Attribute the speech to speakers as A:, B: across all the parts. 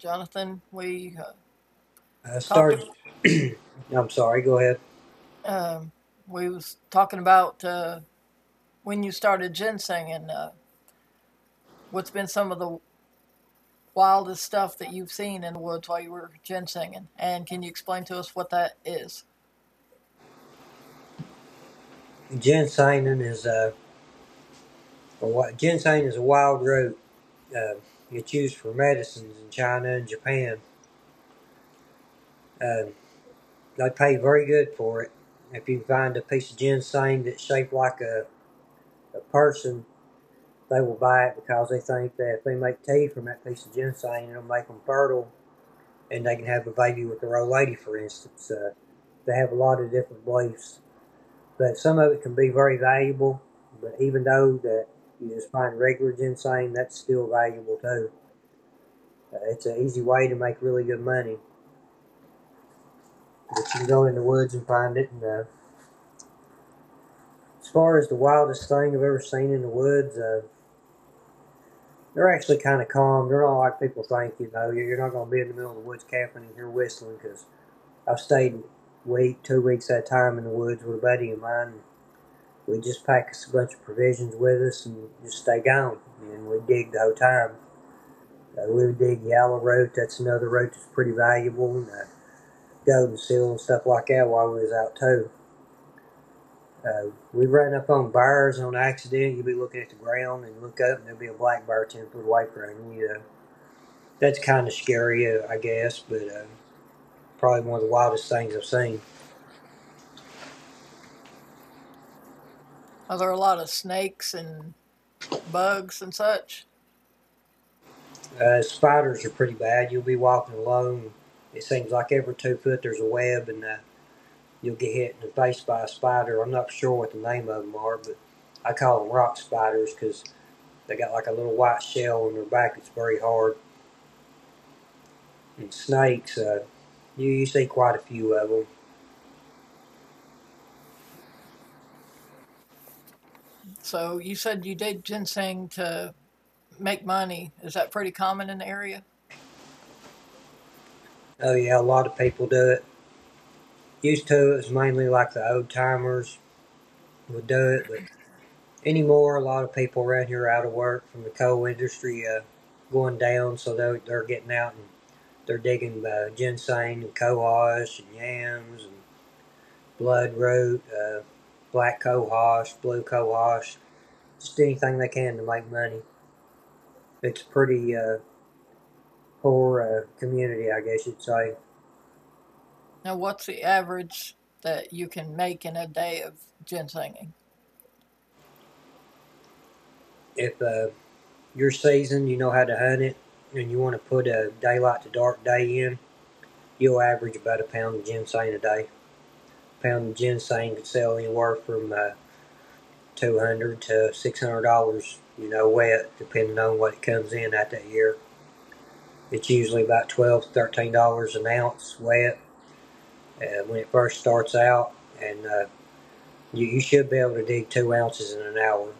A: Jonathan. We talked.
B: Start. I'm sorry. Go ahead.
A: Um, we was talking about when you started ginseng and what's been some of the wildest stuff that you've seen in the woods while you were ginsenging. And can you explain to us what that is?
B: Ginseng is a a wild root. Uh, it's used for medicines in China and Japan. Uh, they pay very good for it. If you find a piece of ginseng that's shaped like a person, they will buy it because they think that if they make tea from that piece of ginseng, it'll make them fertile, and they can have a baby with their old lady, for instance. They have a lot of different beliefs, but some of it can be very valuable. But even though that you just find regular ginseng, that's still valuable too. It's an easy way to make really good money. But you can go in the woods and find it. And as far as the wildest thing I've ever seen in the woods, they're actually kind of calm. They're not like people think. You know, you're not going to be in the middle of the woods camping and hear whistling. Because I've stayed a week, 2 weeks at a time in the woods with a buddy of mine. We just pack us a bunch of provisions with us and just stay gone. And we dig the whole time. We would dig Yalla rope. That's another rope that's pretty valuable. And, golden seal and stuff like that while we was out too. We run up on bears on accident. You'll be looking at the ground and look up and there'll be a black bear 10 foot away from you. You that's kind of scary, I guess, but probably one of the wildest things I've seen.
A: Are there a lot of snakes and bugs and such?
B: Spiders are pretty bad. You'll be walking alone. It seems like every 2 foot there's a web, and you'll get hit in the face by a spider. I'm not sure what the name of them are, but I call them rock spiders because they got like a little white shell on their back that's very hard. And snakes, you see quite a few of them.
A: So you said you did ginseng to make money. Is that pretty common in the area?
B: Oh yeah, a lot of people do it. Used to it was mainly like the old timers would do it, but anymore a lot of people around here are out of work from the coal industry going down, so they're getting out and they're digging ginseng and cohosh and yams and bloodroot, black cohosh, blue cohosh, just anything they can to make money. It's pretty poor community, I guess you'd say.
A: Now, what's the average that you can make in a day of ginsenging?
B: If your season, you know how to hunt it, and you want to put a daylight to dark day in, you'll average about a pound of ginseng a day. A pound of ginseng could sell anywhere from $200 to $600, you know, wet, depending on what it comes in at that year. It's usually about $12 to $13 an ounce wet when it first starts out, and you should be able to dig 2 ounces in an hour.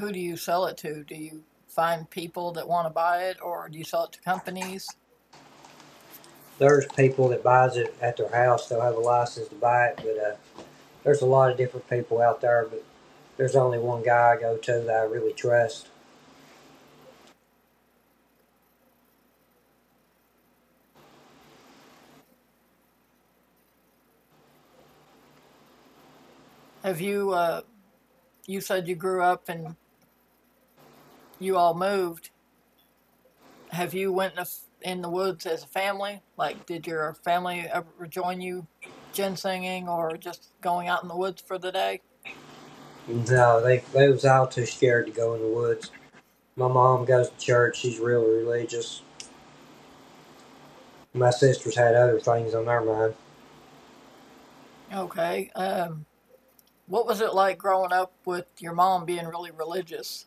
A: Who do you sell it to? Do you find people that want to buy it, or do you sell it to companies?
B: There's people that buys it at their house. They'll have a license to buy it, but there's a lot of different people out there. But there's only one guy I go to that I really trust.
A: Have you? You said you grew up and you all moved. Have you went in the woods as a family? Like, did your family ever join you ginsenging or just going out in the woods for the day?
B: No, they was all too scared to go in the woods. My mom goes to church. She's real religious. My sisters had other things on their mind.
A: Okay. What was it like growing up with your mom being really religious?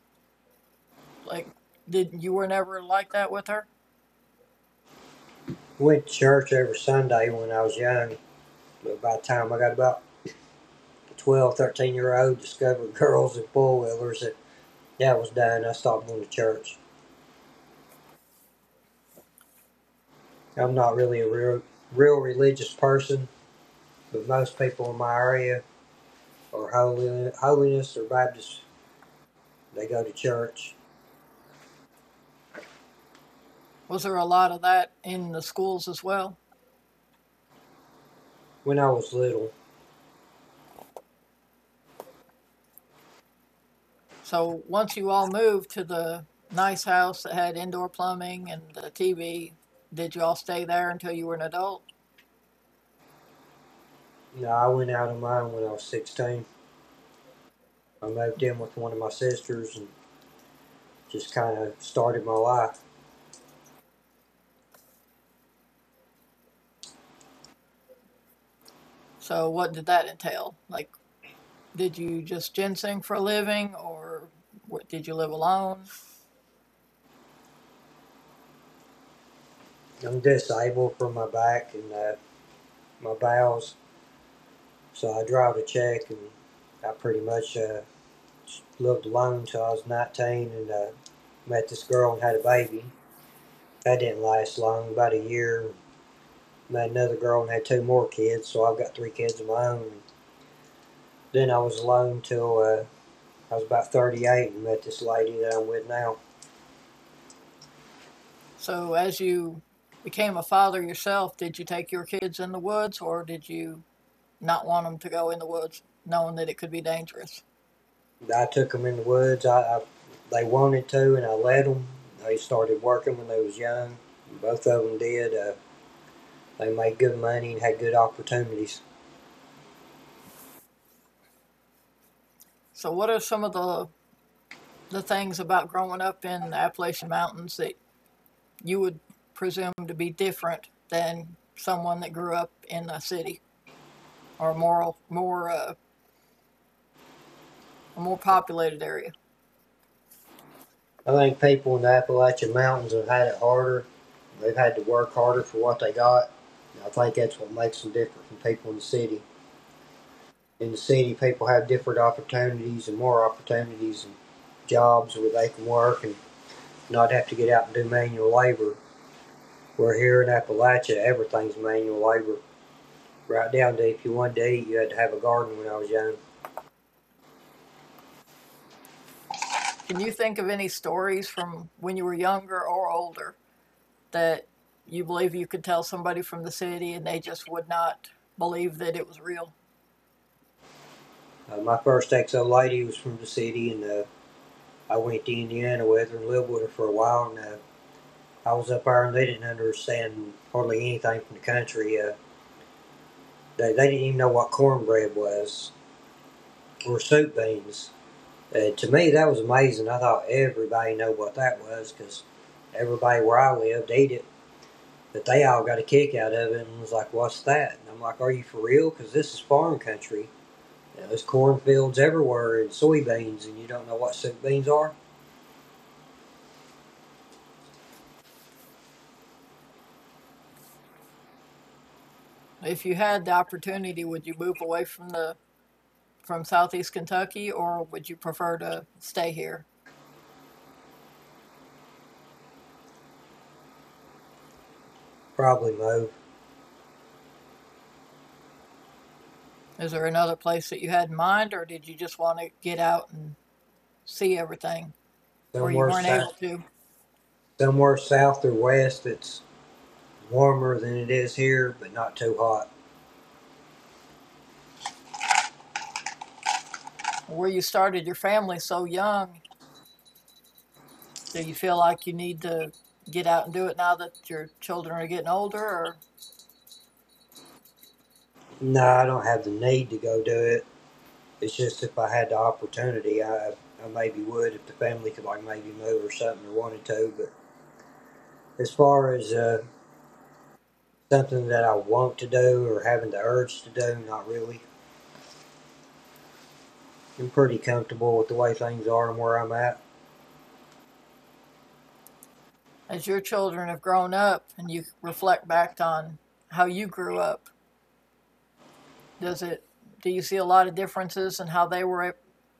A: Like, did you were never like that with her?
B: I went to church every Sunday when I was young, but by the time I got about 12, 13 year old, discovered girls and four wheelers, that was done. I stopped going to church. I'm not really a real religious person. But most people in my area are holiness or Baptist. They go to church.
A: Was there a lot of that in the schools as well?
B: When I was little,
A: So once you all moved to the nice house that had indoor plumbing and the TV, did you all stay there until you were an adult?
B: you know, I went out on my own when I was 16. I moved in with one of my sisters and just kind of started my life.
A: So what did that entail? Like, did you just ginseng for a living or what, did you live alone?
B: I'm disabled from my back and my bowels, so I drive a check, and I pretty much lived alone until I was 19, and met this girl and had a baby. That didn't last long, about a year. Met another girl and had two more kids, so I've got three kids of my own. Then I was alone till I was about 38 and met this lady that I'm with now.
A: So as you became a father yourself, did you take your kids in the woods or did you not want them to go in the woods knowing that it could be dangerous?
B: I took them in the woods. I They wanted to, and I let them. They started working when they was young. Both of them did. They made good money and had good opportunities.
A: So what are some of the things about growing up in the Appalachian Mountains that you would presume to be different than someone that grew up in a city or a more a more populated area.
B: I think people in the Appalachian Mountains have had it harder. They've had to work harder for what they got. I think that's what makes them different from people in the city. In the city, people have different opportunities and more opportunities and jobs where they can work and not have to get out and do manual labor. Where here in Appalachia, everything's manual labor. Right down to if you wanted to eat, you had to have a garden when I was young.
A: Can you think of any stories from when you were younger or older that you believe you could tell somebody from the city and they just would not believe that it was real?
B: My first ex old lady was from the city, and I went to Indiana with her and lived with her for a while. And I was up there, and they didn't understand hardly anything from the country. They didn't even know what cornbread was or soup beans. To me, that was amazing. I thought everybody knew what that was because everybody where I lived ate it. But they all got a kick out of it and was like, "What's that?" And I'm like, "Are you for real? Because this is farm country. You know, there's cornfields everywhere and soybeans, and you don't know what soup beans are?"
A: If you had the opportunity, would you move away from the from Southeast Kentucky or would you prefer to stay here?
B: Probably Mo.
A: Is there another place that you had in mind or did you just want to get out and see everything? Where you
B: Somewhere
A: weren't able
B: south,
A: to,
B: somewhere south or west, it's warmer than it is here, but not too hot.
A: where you started your family so young. Do you feel like you need to get out and do it now that your children are getting older, or
B: No, I don't have the need to go do it. It's just if I had the opportunity, I maybe would if the family could, like maybe move or something, or wanted to. But as far as something that I want to do or having the urge to do. Not really. I'm pretty comfortable with the way things are and where I'm at.
A: as your children have grown up and you reflect back on how you grew up? Does it? Do you see a lot of differences in how they were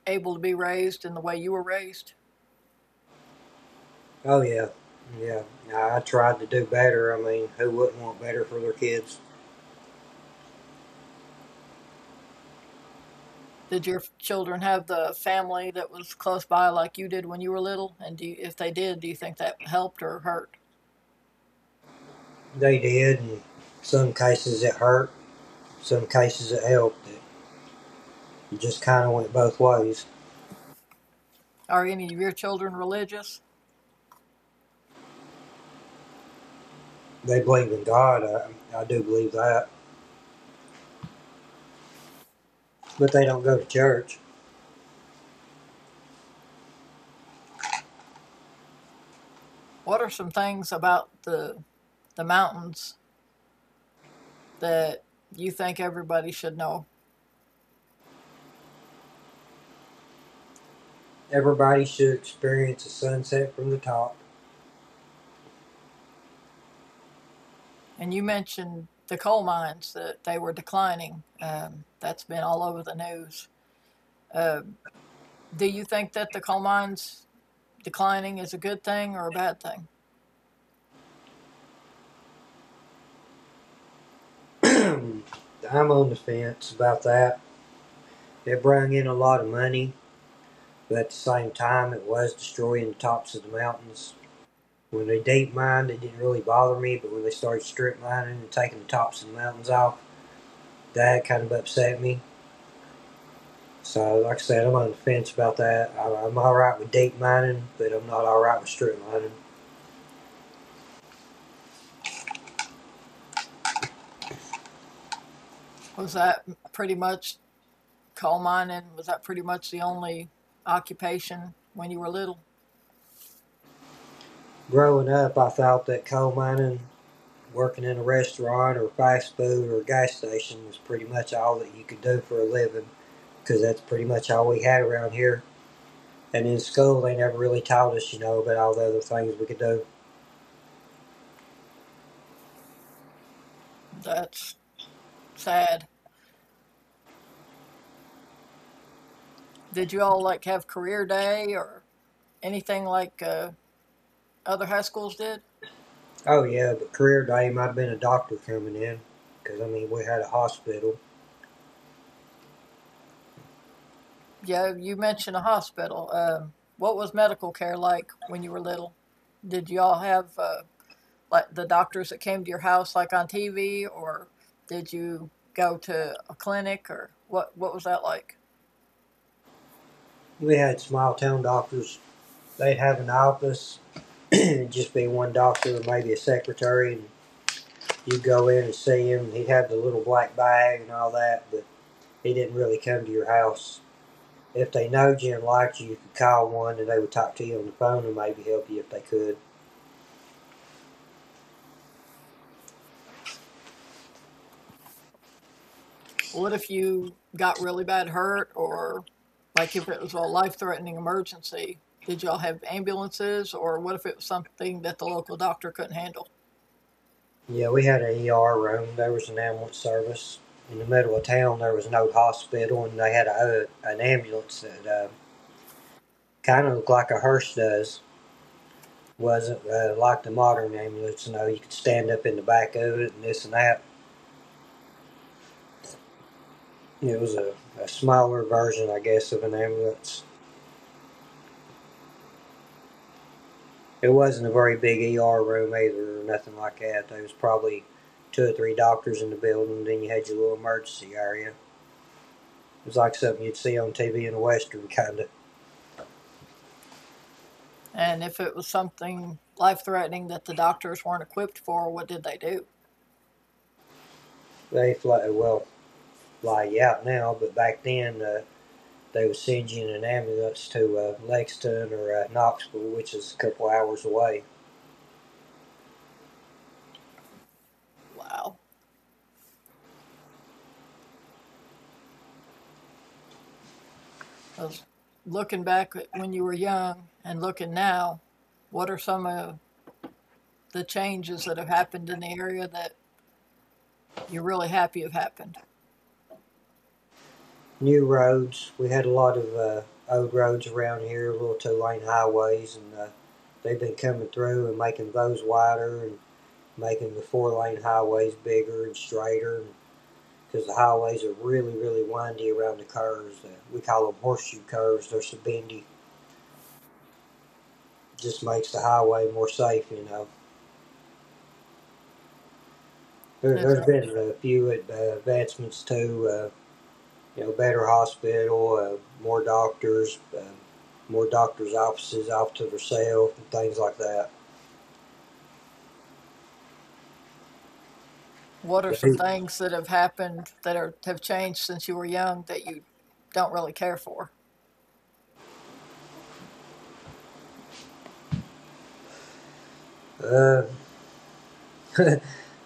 A: able to be raised and the way you were raised?
B: Oh yeah, yeah. I tried to do better. I mean, who wouldn't want better for their kids?
A: Did your children have the family that was close by like you did when you were little? And do you, if they did, do you think that helped or hurt?
B: They did, and some cases it hurt, some cases it helped. It just kind of went both ways.
A: Are any of your children religious?
B: They believe in God. I do believe that, but they don't go to church.
A: What are some things about the mountains that you think everybody should know?
B: Everybody should experience a sunset from the top.
A: And you mentioned the coal mines that they were declining. That's been all over the news. Uh, do you think that the coal mines declining is a good thing or a bad thing?
B: I'm on the fence about that. They brought in a lot of money, but at the same time, it was destroying the tops of the mountains. When they deep mined, it didn't really bother me, but when they started strip mining and taking the tops of the mountains off, that kind of upset me. So, like I said, I'm on the fence about that. I'm all right with deep mining, but I'm not all right with strip mining.
A: Was that pretty much coal mining? Was that pretty much the only occupation when you were little?
B: Growing up, I thought that coal mining, working in a restaurant or fast food or a gas station, was pretty much all that you could do for a living, because that's pretty much all we had around here. And in school, they never really taught us, you know, about all the other things we could do.
A: That's sad. Did you all like have career day or anything like other high schools did?
B: Oh, yeah, but career day might have been a doctor coming in, because, I mean, we had a hospital.
A: Yeah, you mentioned a hospital. What was medical care like when you were little? Did y'all have like the doctors that came to your house like on TV, or did you go to a clinic, or what? What was that like?
B: We had small town doctors. They'd have an office, and just be one doctor, and maybe a secretary, and you'd go in and see him. He'd have the little black bag and all that, but he didn't really come to your house. If they knowed you and liked you, you could call one, and they would talk to you on the phone and maybe help you if they could.
A: What if you got really bad hurt, or like if it was a life-threatening emergency? Did y'all have ambulances, or what if it was something that the local doctor couldn't handle?
B: Yeah, we had an ER room. There was an ambulance service. In the middle of town, there was an old hospital, and they had a, an ambulance that kind of looked like a hearse does. Wasn't like the modern ambulance, you know, you could stand up in the back of it and this and that. It was a smaller version, I guess, of an ambulance. It wasn't a very big ER room either, or nothing like that. There was probably two or three doctors in the building, then you had your little emergency area. It was like something you'd see on TV in a Western, kind of.
A: And if it was something life-threatening that the doctors weren't equipped for, what did they do?
B: They fly, well, fly you out now, but back then they would send you in an ambulance to Lexington or Knoxville, which is a couple hours away.
A: Wow. Because looking back at when you were young and looking now, what are some of the changes that have happened in the area that you're really happy have happened?
B: New roads. We had a lot of old roads around here, little two-lane highways, and they've been coming through and making those wider and making the four-lane highways bigger and straighter because the highways are really, really windy around the curves. We call them horseshoe curves. They're so bendy. Just makes the highway more safe. There,
A: Is
B: there's
A: there,
B: been a few advancements too. Better hospital, uh, more doctors, uh, more doctors' offices off to themselves, and things like that.
A: what are
B: They,
A: some things that have happened that are have changed since you were young that you don't really care for?
B: uh, a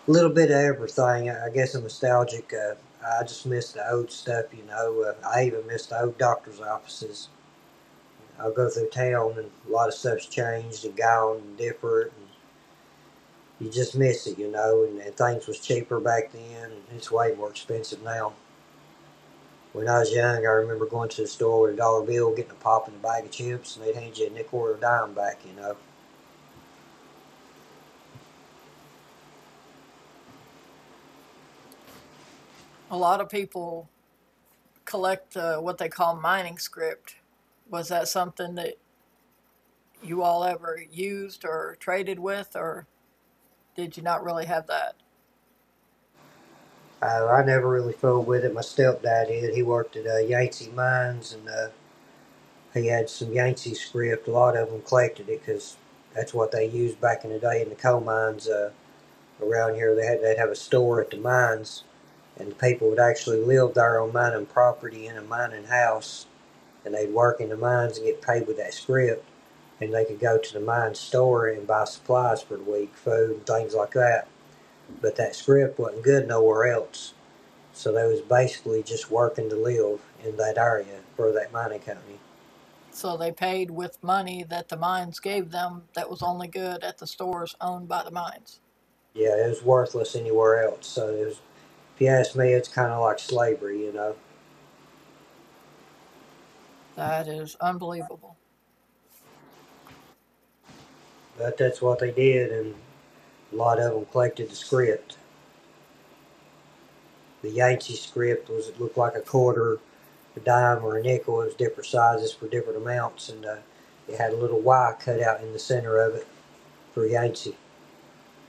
B: little bit of everything. I guess I'm nostalgic. I just miss the old stuff. I even miss the old doctors' offices. I'll go through town, and a lot of stuff's changed and gone and different. And you just miss it. And things was cheaper back then. It's way more expensive now. When I was young, I remember going to the store with a dollar bill, getting a pop and a bag of chips, and they'd hand you a nickel or a dime back.
A: A lot of people collect what they call mining script. Was that something that you all ever used or traded with, or did you not really have that?
B: I never really fooled with it. My stepdad did. He worked at Yangtze Mines, and he had some Yangtze script. A lot of them collected it because that's what they used back in the day in the coal mines around here. They'd have a store at the mines, and the people would actually live there on mining property in a mining house, and they'd work in the mines and get paid with that script and they could go to the mine store and buy supplies for the week, food and things like that. But that script wasn't good nowhere else. So they was basically just working to live in that area for that mining company.
A: So they paid with money that the mines gave them that was only good at the stores owned by the mines.
B: Yeah, it was worthless anywhere else. So it was, if you ask me, it's kind of like slavery.
A: That is unbelievable.
B: But that's what they did, and a lot of them collected the script. The Yancey script was it looked like a quarter, a dime, or a nickel. It was different sizes for different amounts, and it had a little Y cut out in the center of it for Yancey.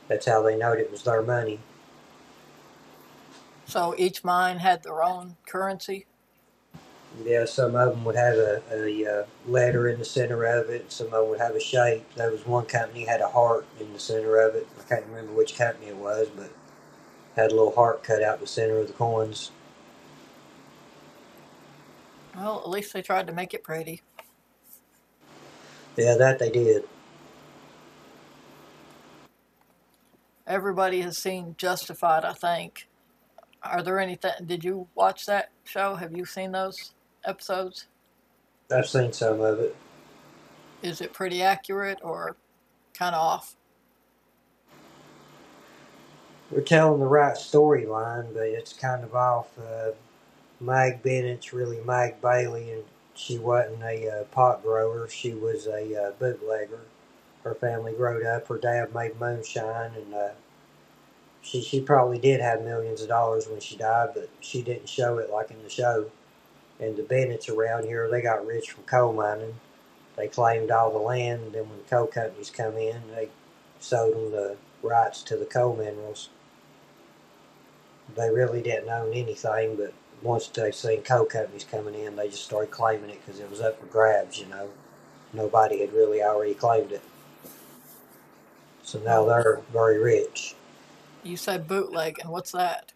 B: That's how they knowed it was their money.
A: So each mine had their own currency.
B: Yeah, some of them would have a letter in the center of it. Some of them would have a shape. There was one company had a heart in the center of it. I can't remember which company it was, but had a little heart cut out in the center of the coins.
A: Well, at least they tried to make it pretty.
B: Yeah, that they did.
A: Everybody has seen Justified, I think. Are there anything? Did you watch that show? Have you seen those episodes?
B: I've seen some of it.
A: Is it pretty accurate or kind of off?
B: They're telling the right storyline, but it's kind of off. Mag Bennett's really Mag Bailey, and she wasn't a pot grower. She was a bootlegger. Her family growed up. Her dad made moonshine, and she probably did have millions of dollars when she died, but she didn't show it like in the show. And the Bennett's around here, they got rich from coal mining. They claimed all the land, and then when the coal companies come in, they sold them the rights to the coal minerals. They really didn't own anything, but once they seen coal companies coming in, they just started claiming it because it was up for grabs. You know, nobody had really already claimed it, so now
A: Well,
B: they're very rich.
A: you said bootleg, and what's that?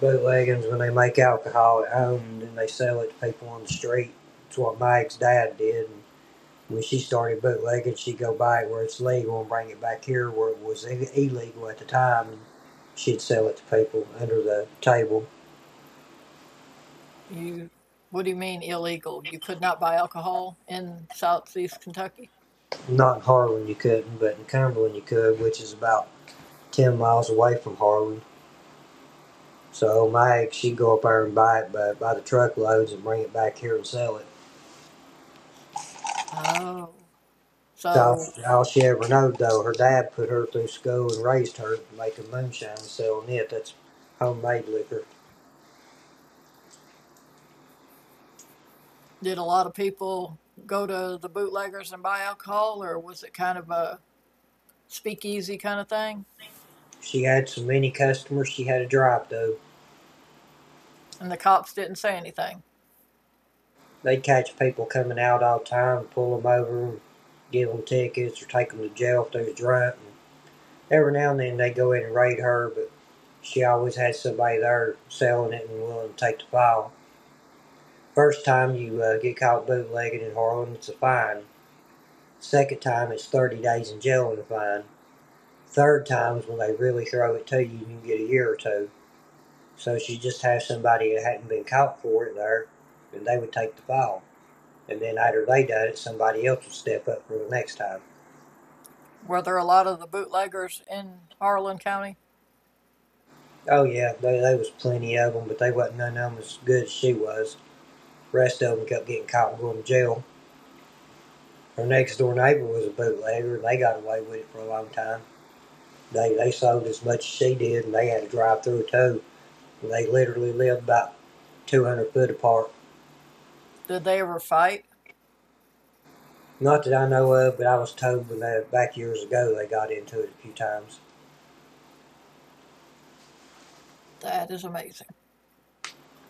B: Bootleggings when they make alcohol at home and then they sell it to people on the street. It's what Mag's dad did. And when she started bootlegging, she'd go buy it where it's legal and bring it back here where it was illegal at the time. And she'd sell it to people under the table.
A: You, what do you mean illegal? You could not buy alcohol in Southeast Kentucky?
B: Not in Harlan you couldn't, but in Cumberland you could, which is about 10 miles away from Harlan. So Mag, she'd go up there and buy it by the truckloads and bring it back here and sell it.
A: Oh,
B: So all
A: so
B: all she ever knowed though, her dad put her through school and raised her making moonshine and selling it. That's homemade liquor.
A: did a lot of people go to the bootleggers and buy alcohol, or was it kind of a speakeasy kind of thing?
B: She had so many customers. She had a drive though.
A: And the cops didn't say anything.
B: They'd catch people coming out all the time, pull them over, and give them tickets or take them to jail if they was drunk. And every now and then they would go in and raid her, but she always had somebody there selling it and willing to take the fall. First time you get caught bootlegging in Harlan, it's a fine. Second time, it's 30 days in jail and a fine. Third time's when they really throw it to you, and you can get a year or two. So she just have somebody that hadn't been caught for it there, and they would take the fall. And then after they done it, somebody else would step up for the next time.
A: Were there a lot of the bootleggers in Harlan County?
B: Oh yeah, they was plenty of them, but they wasn't none of them as good as she was. The rest of them kept getting caught and going to jail. Her next door neighbor was a bootlegger, and they got away with it for a long time. They sold as much as she did, and they had to drive through too. And they literally lived about 200-foot apart.
A: Did they ever fight?
B: Not that I know of, but I was told back years ago they got into it a few times.
A: That is amazing.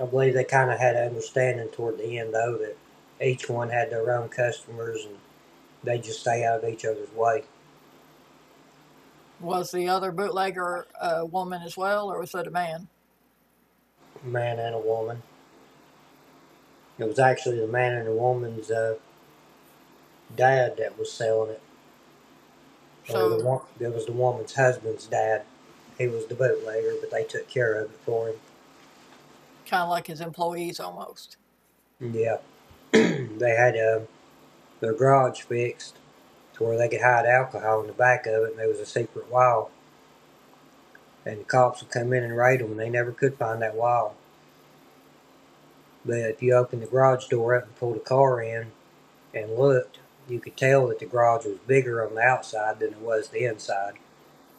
B: I believe they kind of had an understanding toward the end though that each one had their own customers and they just stay out of each other's way,
A: Was the other bootlegger a woman as well, or was it a man?
B: a man and a woman. It was actually the man and the woman's dad that was selling it, or
A: So
B: the it was the woman's husband's dad. He was the bootlegger, but they took care of it for
A: kind of like his employees almost.
B: him. Yeah, they had their garage fixed to where they could hide alcohol in the back of it, and there was a secret wall and the cops would come in and raid them, and they never could find that wall. But if you opened the garage door up and pulled a car in and looked, you could tell that the garage was bigger on the outside than it was the inside.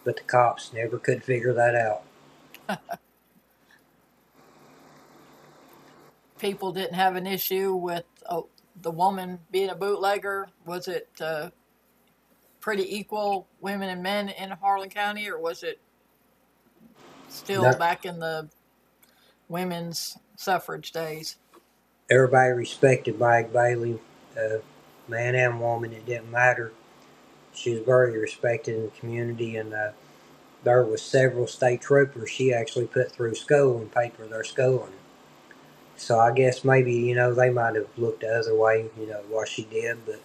B: But the cops never could figure that out.
A: People didn't have an issue with the woman being a bootlegger. Was it pretty equal women and men in Harlan County, or was it still
B: Not,
A: back in the women's suffrage days?
B: everybody respected Mike Bailey, uh, man and woman, it didn't matter. She was very respected in the community, and there was several state troopers she actually put through school and paid for their schooling. So I guess maybe, they might have looked the other way, what she did, but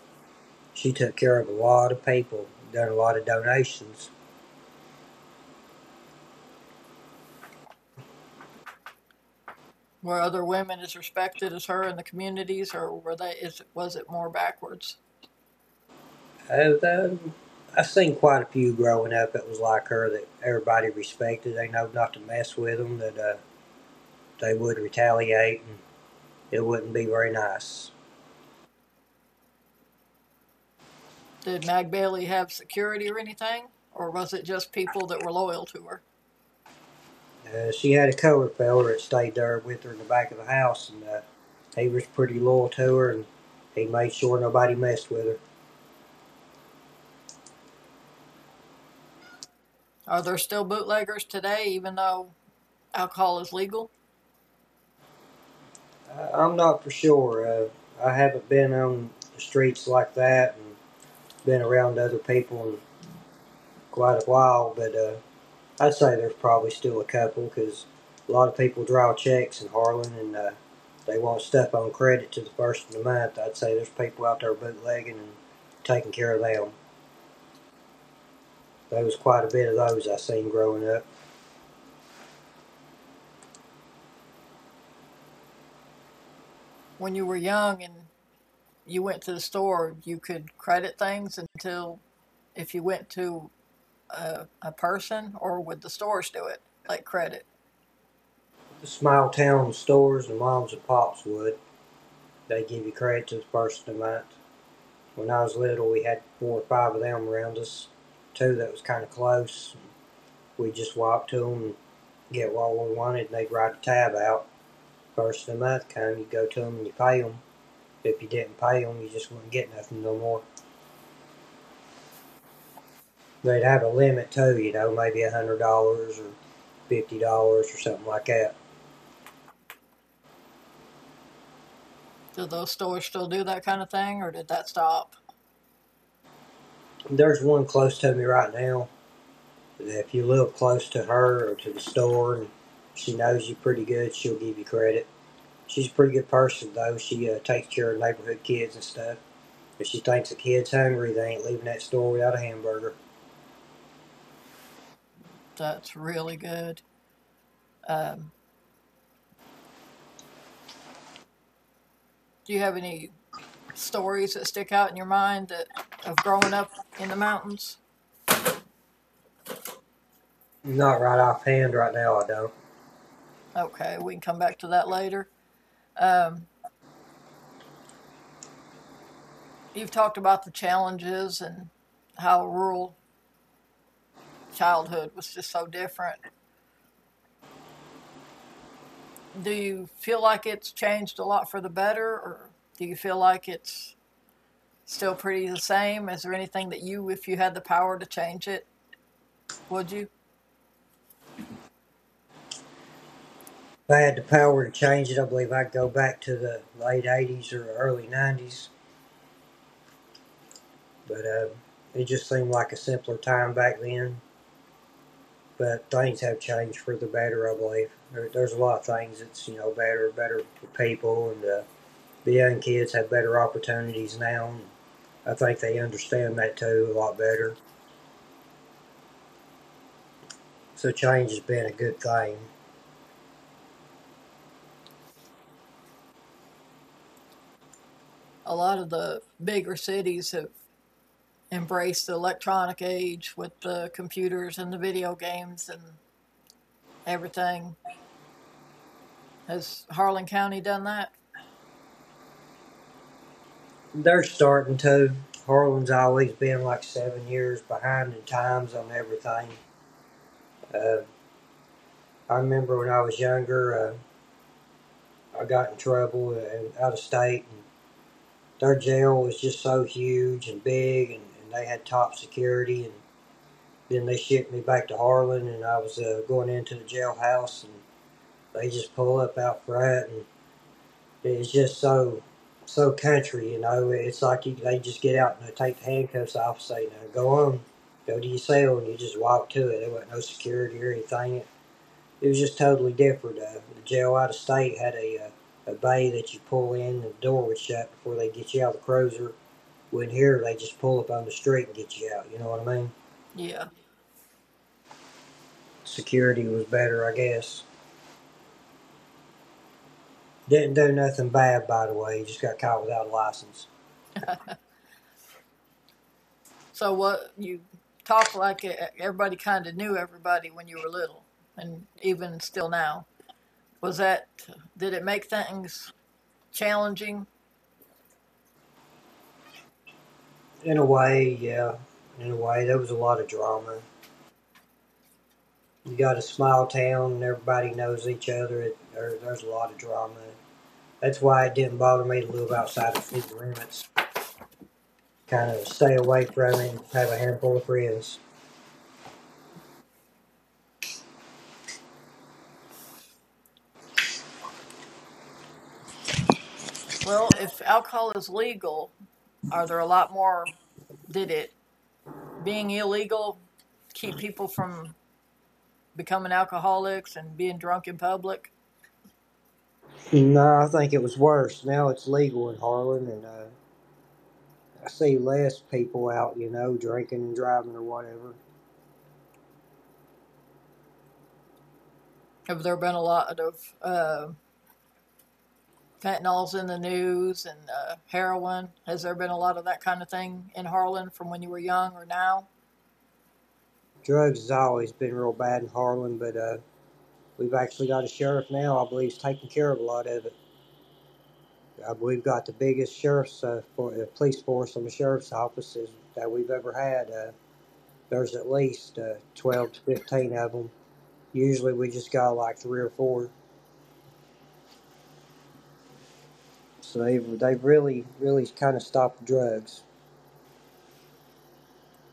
B: she took care of a lot of people, done a lot of donations.
A: Were other women as respected as her in the communities, or were they? Is was it more backwards?
B: um, I've seen quite a few growing up that was like her that everybody respected. They know not to mess with them, that they would retaliate, and it wouldn't be very nice.
A: Did Mag Bailey have security or anything, or was it just people that were loyal to her?
B: She had a cover fella that stayed there with her in the back of the house, and he was pretty loyal to her, and he made sure nobody messed with her.
A: Are there still bootleggers today, even though alcohol is legal?
B: I am not for sure. I haven't been on the streets like that and been around other people in quite a while, but I'd say there's probably still a couple because a lot of people draw checks in Harlan and they want stuff on credit to the first of the month. I'd say there's people out there bootlegging and taking care of them. There was quite a bit of those I seen growing up.
A: When you were young and you went to the store, you could credit things until if you went to a person, or would the stores do it, like credit?
B: The small town stores and moms and pops would. They give you credit to the first of the month. When I was little, we had four or five of them around us, two that was kind of close. We just walked to them and get what we wanted, and they'd write a tab out. First of the month come, you go to them and you pay them. If you didn't pay them, you just wouldn't get nothing no more. They'd have a limit too, you know, maybe $100 or $50 or something like that.
A: Do those stores still do that kind of thing, or did that stop?
B: There's one close to me right now. That if you live close to her or to the store, and she knows you pretty good, she'll give you credit. She's a pretty good person though. She takes care of neighborhood kids and stuff. If she thinks a kid's hungry, they ain't leaving that store without a hamburger.
A: That's really good. Do you have any stories that stick out in your mind that of growing up in the mountains?
B: Not right offhand right now, I don't.
A: Okay, we can come back to that later. You've talked about the challenges and how rural childhood was just so different. Do you feel like it's changed a lot for the better, or do you feel like it's still pretty the same? Is there anything that you, if you had the power to change it, would you?
B: If I had the power to change it, I believe I'd go back to the late 80s or early 90s. But it just seemed like a simpler time back then. But things have changed for the better, I believe. There's a lot of things that's better for people. And the young kids have better opportunities now. I think they understand that too a lot better. So change has been a good thing.
A: A lot of the bigger cities have embraced the electronic age with the computers and the video games and everything. Has Harlan County done that?
B: They're starting to. Harlan's always been like 7 years behind in times on everything. Uh, I remember when I was younger, I got in trouble and out of state, and their jail was just so huge and big, and they had top security. And then they shipped me back to Harlan, and I was going into the jailhouse, and they just pull up out front, and it's just so country, you know. It's like they just get out and they take the handcuffs off, and say, "Now go on, go to your cell," and you just walk to it. There wasn't no security or anything. It was just totally different. The jail out of state had a bay that you pull in, the door was shut before they get you out of the cruiser. When here, they just pull up on the street and get you out. You know what I mean?
A: Yeah.
B: Security was better, I guess. Didn't do nothing bad, by the way. Just got caught without a license.
A: So what you talk like everybody kind of knew everybody when you were little, and even still now. Was that did it make things challenging?
B: In a way, yeah. In a way, there was a lot of drama. You got a small town and everybody knows each other. There's a lot of drama. That's why it didn't bother me to live outside of city limits. Kind of stay away from it and have a handful of friends.
A: Well, if alcohol is legal, are there a lot more? Did it being illegal keep people from becoming alcoholics and being drunk in public?
B: No, I think it was worse. Now it's legal in Harlan, and I see less people out, drinking and driving or whatever.
A: Have there have been a lot of fentanyls in the news and heroin? Has there been a lot of that kind of thing in Harlan from when you were young or now?
B: Drugs has always been real bad in Harlan, but we've actually got a sheriff now, I believe, is taking care of a lot of it. We've got the biggest police force and the sheriff's offices that we've ever had. There's at least 12 to 15 of them. Usually we just got like three or four. So they've really, really kind of stopped drugs.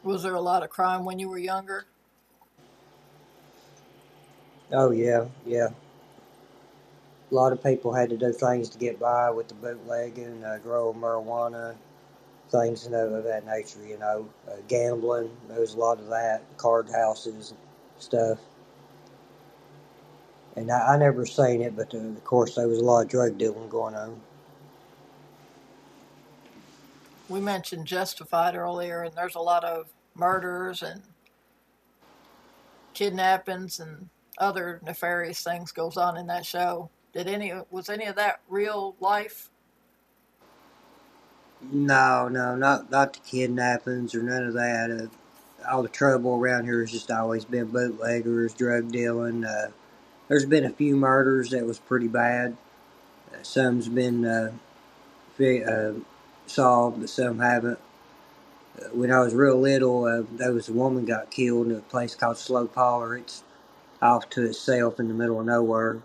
A: Was there a lot of crime when you were younger?
B: Oh, yeah, yeah. A lot of people had to do things to get by with the bootlegging, grow marijuana, things of that nature, gambling. There was a lot of that, card houses, stuff. And I never seen it, but of course there was a lot of drug dealing going on.
A: We mentioned Justified earlier, and there's a lot of murders and kidnappings and other nefarious things goes on in that show. Did any was any of that real life
B: No, no, not the kidnappings or none of that. All the trouble around here has just always been bootleggers, drug dealing. There's been a few murders that was pretty bad. Some's been uh, solved, but some haven't. When I was real little, there was a woman got killed in a place called Slow Parlor. It's off to itself in the middle of nowhere.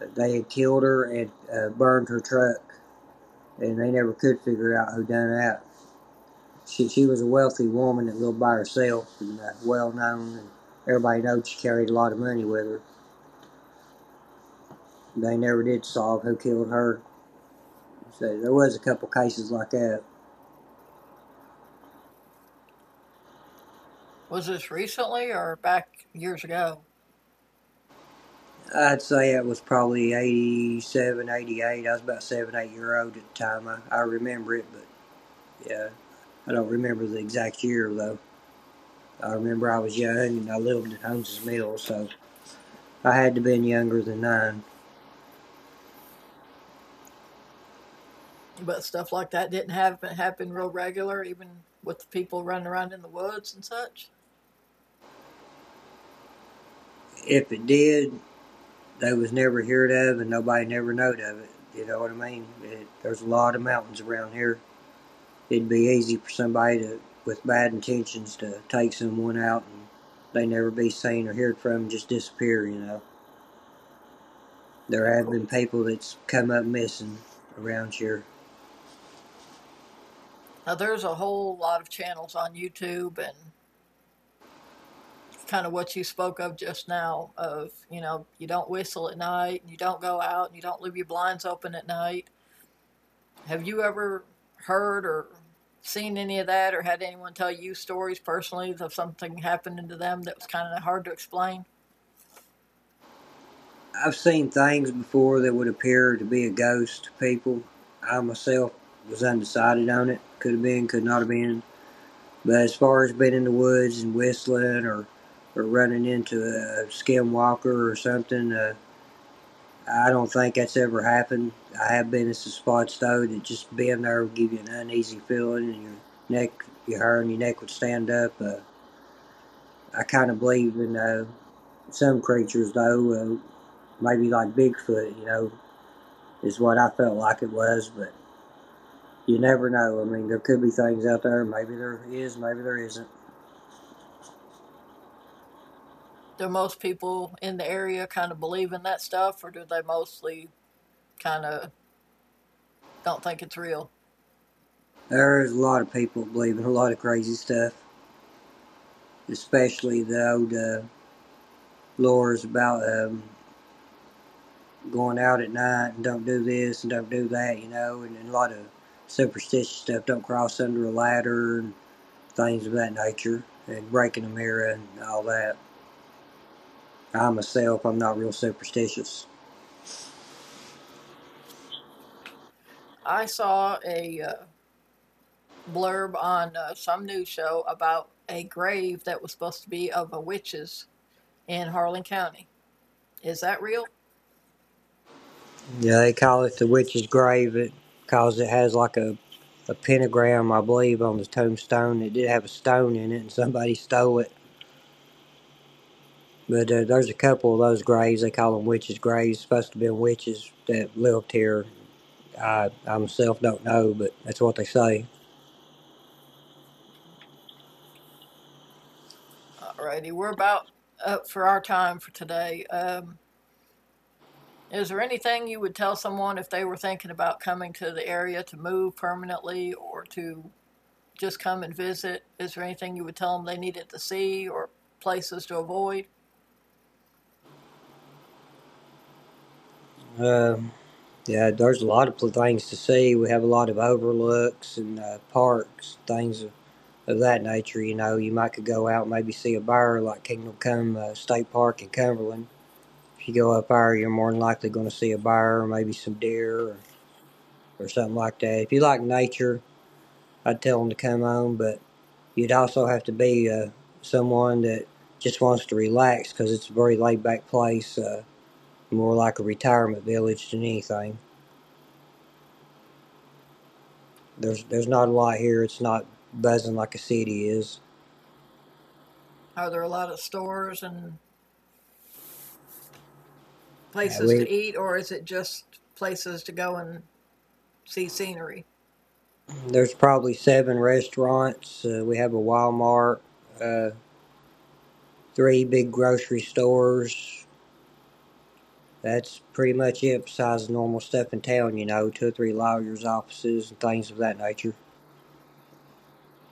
B: They had killed her and burned her truck, and they never could figure out who done that. She was a wealthy woman that lived by herself and well known, and everybody knows she carried a lot of money with her. They never did solve who killed her. So there was a couple cases like that.
A: was this recently or back years ago?
B: I'd say it was probably '87, '88. I was about seven, 8 year old at the time. I remember it, but yeah, I don't remember the exact year though. I remember I was young and I lived at Holmes's Mills, so I had to have been younger than nine.
A: But stuff like that didn't happen real regular, even with the people running around in the woods and such.
B: If it did, they was never heard of and nobody never knowed of it. You know what I mean? There's a lot of mountains around here. It'd be easy for somebody to, with bad intentions to take someone out and they never be seen or heard from and just disappear, you know. There
A: Of
B: have
A: course.
B: been people that's come up missing around here.
A: Now there's a whole lot of channels on YouTube and kind of what you spoke of just now of you know you don't whistle at night and you don't go out and you don't leave your blinds open at night. Have you ever heard or seen any of that or had anyone tell you stories personally of something happening to them that was kind of hard to explain?
B: I've seen things before that would appear to be a ghost to people. I myself was undecided on it. Could have been, could not have been. But as far as being in the woods and whistling or running into a skinwalker or something, I don't think that's ever happened. I have been at some spots though that just being there would give you an uneasy feeling and neck, your hair and your neck would stand up. I kind of believe in some creatures though, maybe like Bigfoot, is what I felt like it was, but you never know. I mean, there could be things out there. Maybe there is, maybe there isn't.
A: Do most people in the area kind of believe in that stuff, or do they mostly kind of don't think it's real?
B: There's a lot of people believing a lot of crazy stuff, especially the old lures about going out at night and don't do this and don't do that, and a lot of superstitious stuff. Don't cross under a ladder and things of that nature, and breaking a mirror and all that. I myself, I'm not real superstitious.
A: I saw a blurb on some news show about a grave that was supposed to be of a witches in Harlan County. Is that real?
B: Yeah, they call it the witch's grave, because it has like a pentagram, I believe, on the tombstone. It did have a stone in it, and somebody stole it. But there's a couple of those graves. They call them witches' graves. Supposed to be witches that lived here. I myself don't know, but that's what they say.
A: Alrighty, we're about up for our time for today. Is there anything you would tell someone if they were thinking about coming to the area to move permanently or to just come and visit? Is there anything you would tell them they needed to see or places to avoid?
B: Um, yeah, there's a lot of things to see. We have a lot of overlooks and parks, things of that nature. You might could go out and maybe see a bear like Kingdom Come State Park in Cumberland. If you go up there, you're more than likely going to see a bear or maybe some deer or something like that. If you like nature, I'd tell them to come on, but you'd also have to be someone that just wants to relax because it's a very laid back place, more like a retirement village than anything. There's not a lot here. It's not buzzing like a city is.
A: Are there a lot of stores and places
B: We
A: to eat, or is it just places to go and see scenery?
B: there's probably seven restaurants. We have a Walmart, uh, three big grocery stores. That's pretty much it. Besides normal stuff in town, two or three lawyers' offices and things of that nature.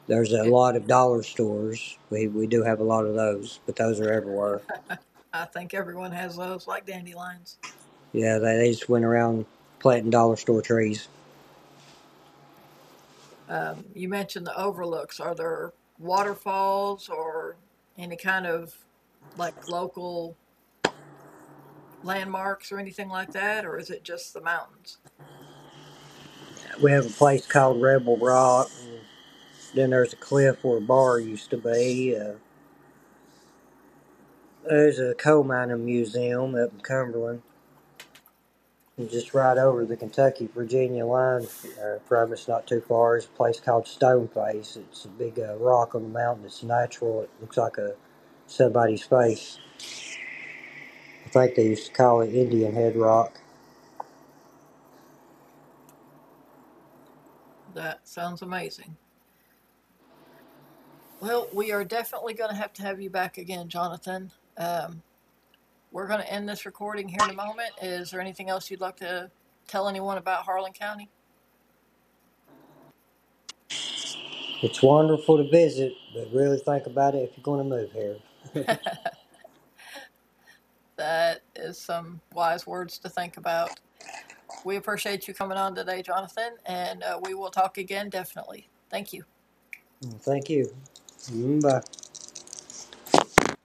B: There's a
A: It,
B: lot of dollar stores. We do have a lot of those, but those are everywhere.
A: I think everyone has those, like dandelions.
B: Yeah, they just went around planting dollar store trees.
A: You mentioned the overlooks. Are there waterfalls or any kind of like local landmarks or anything like that, or is it just the mountains?
B: We have a place called Rebel Rock, and then there's a cliff where a bar used to be. There's a coal mining museum up in Cumberland. And just right over the Kentucky Virginia line from us, not too far, is a place called Stoneface. It's a big rock on the mountain. It's natural. It looks like a somebody's face. I think they used to call it Indian Head Rock.
A: That sounds amazing. Well, we are definitely going to have you back again, Jonathan. Um, we're going to end this recording here in a moment. Is there anything else you'd like to tell anyone about Harlan County?
B: It's wonderful to visit, but really think about it if you're going to move here.
A: That is some wise words to think about. We appreciate you coming on today, Jonathan, and we will talk again definitely. Thank you.
B: Thank you. Bye.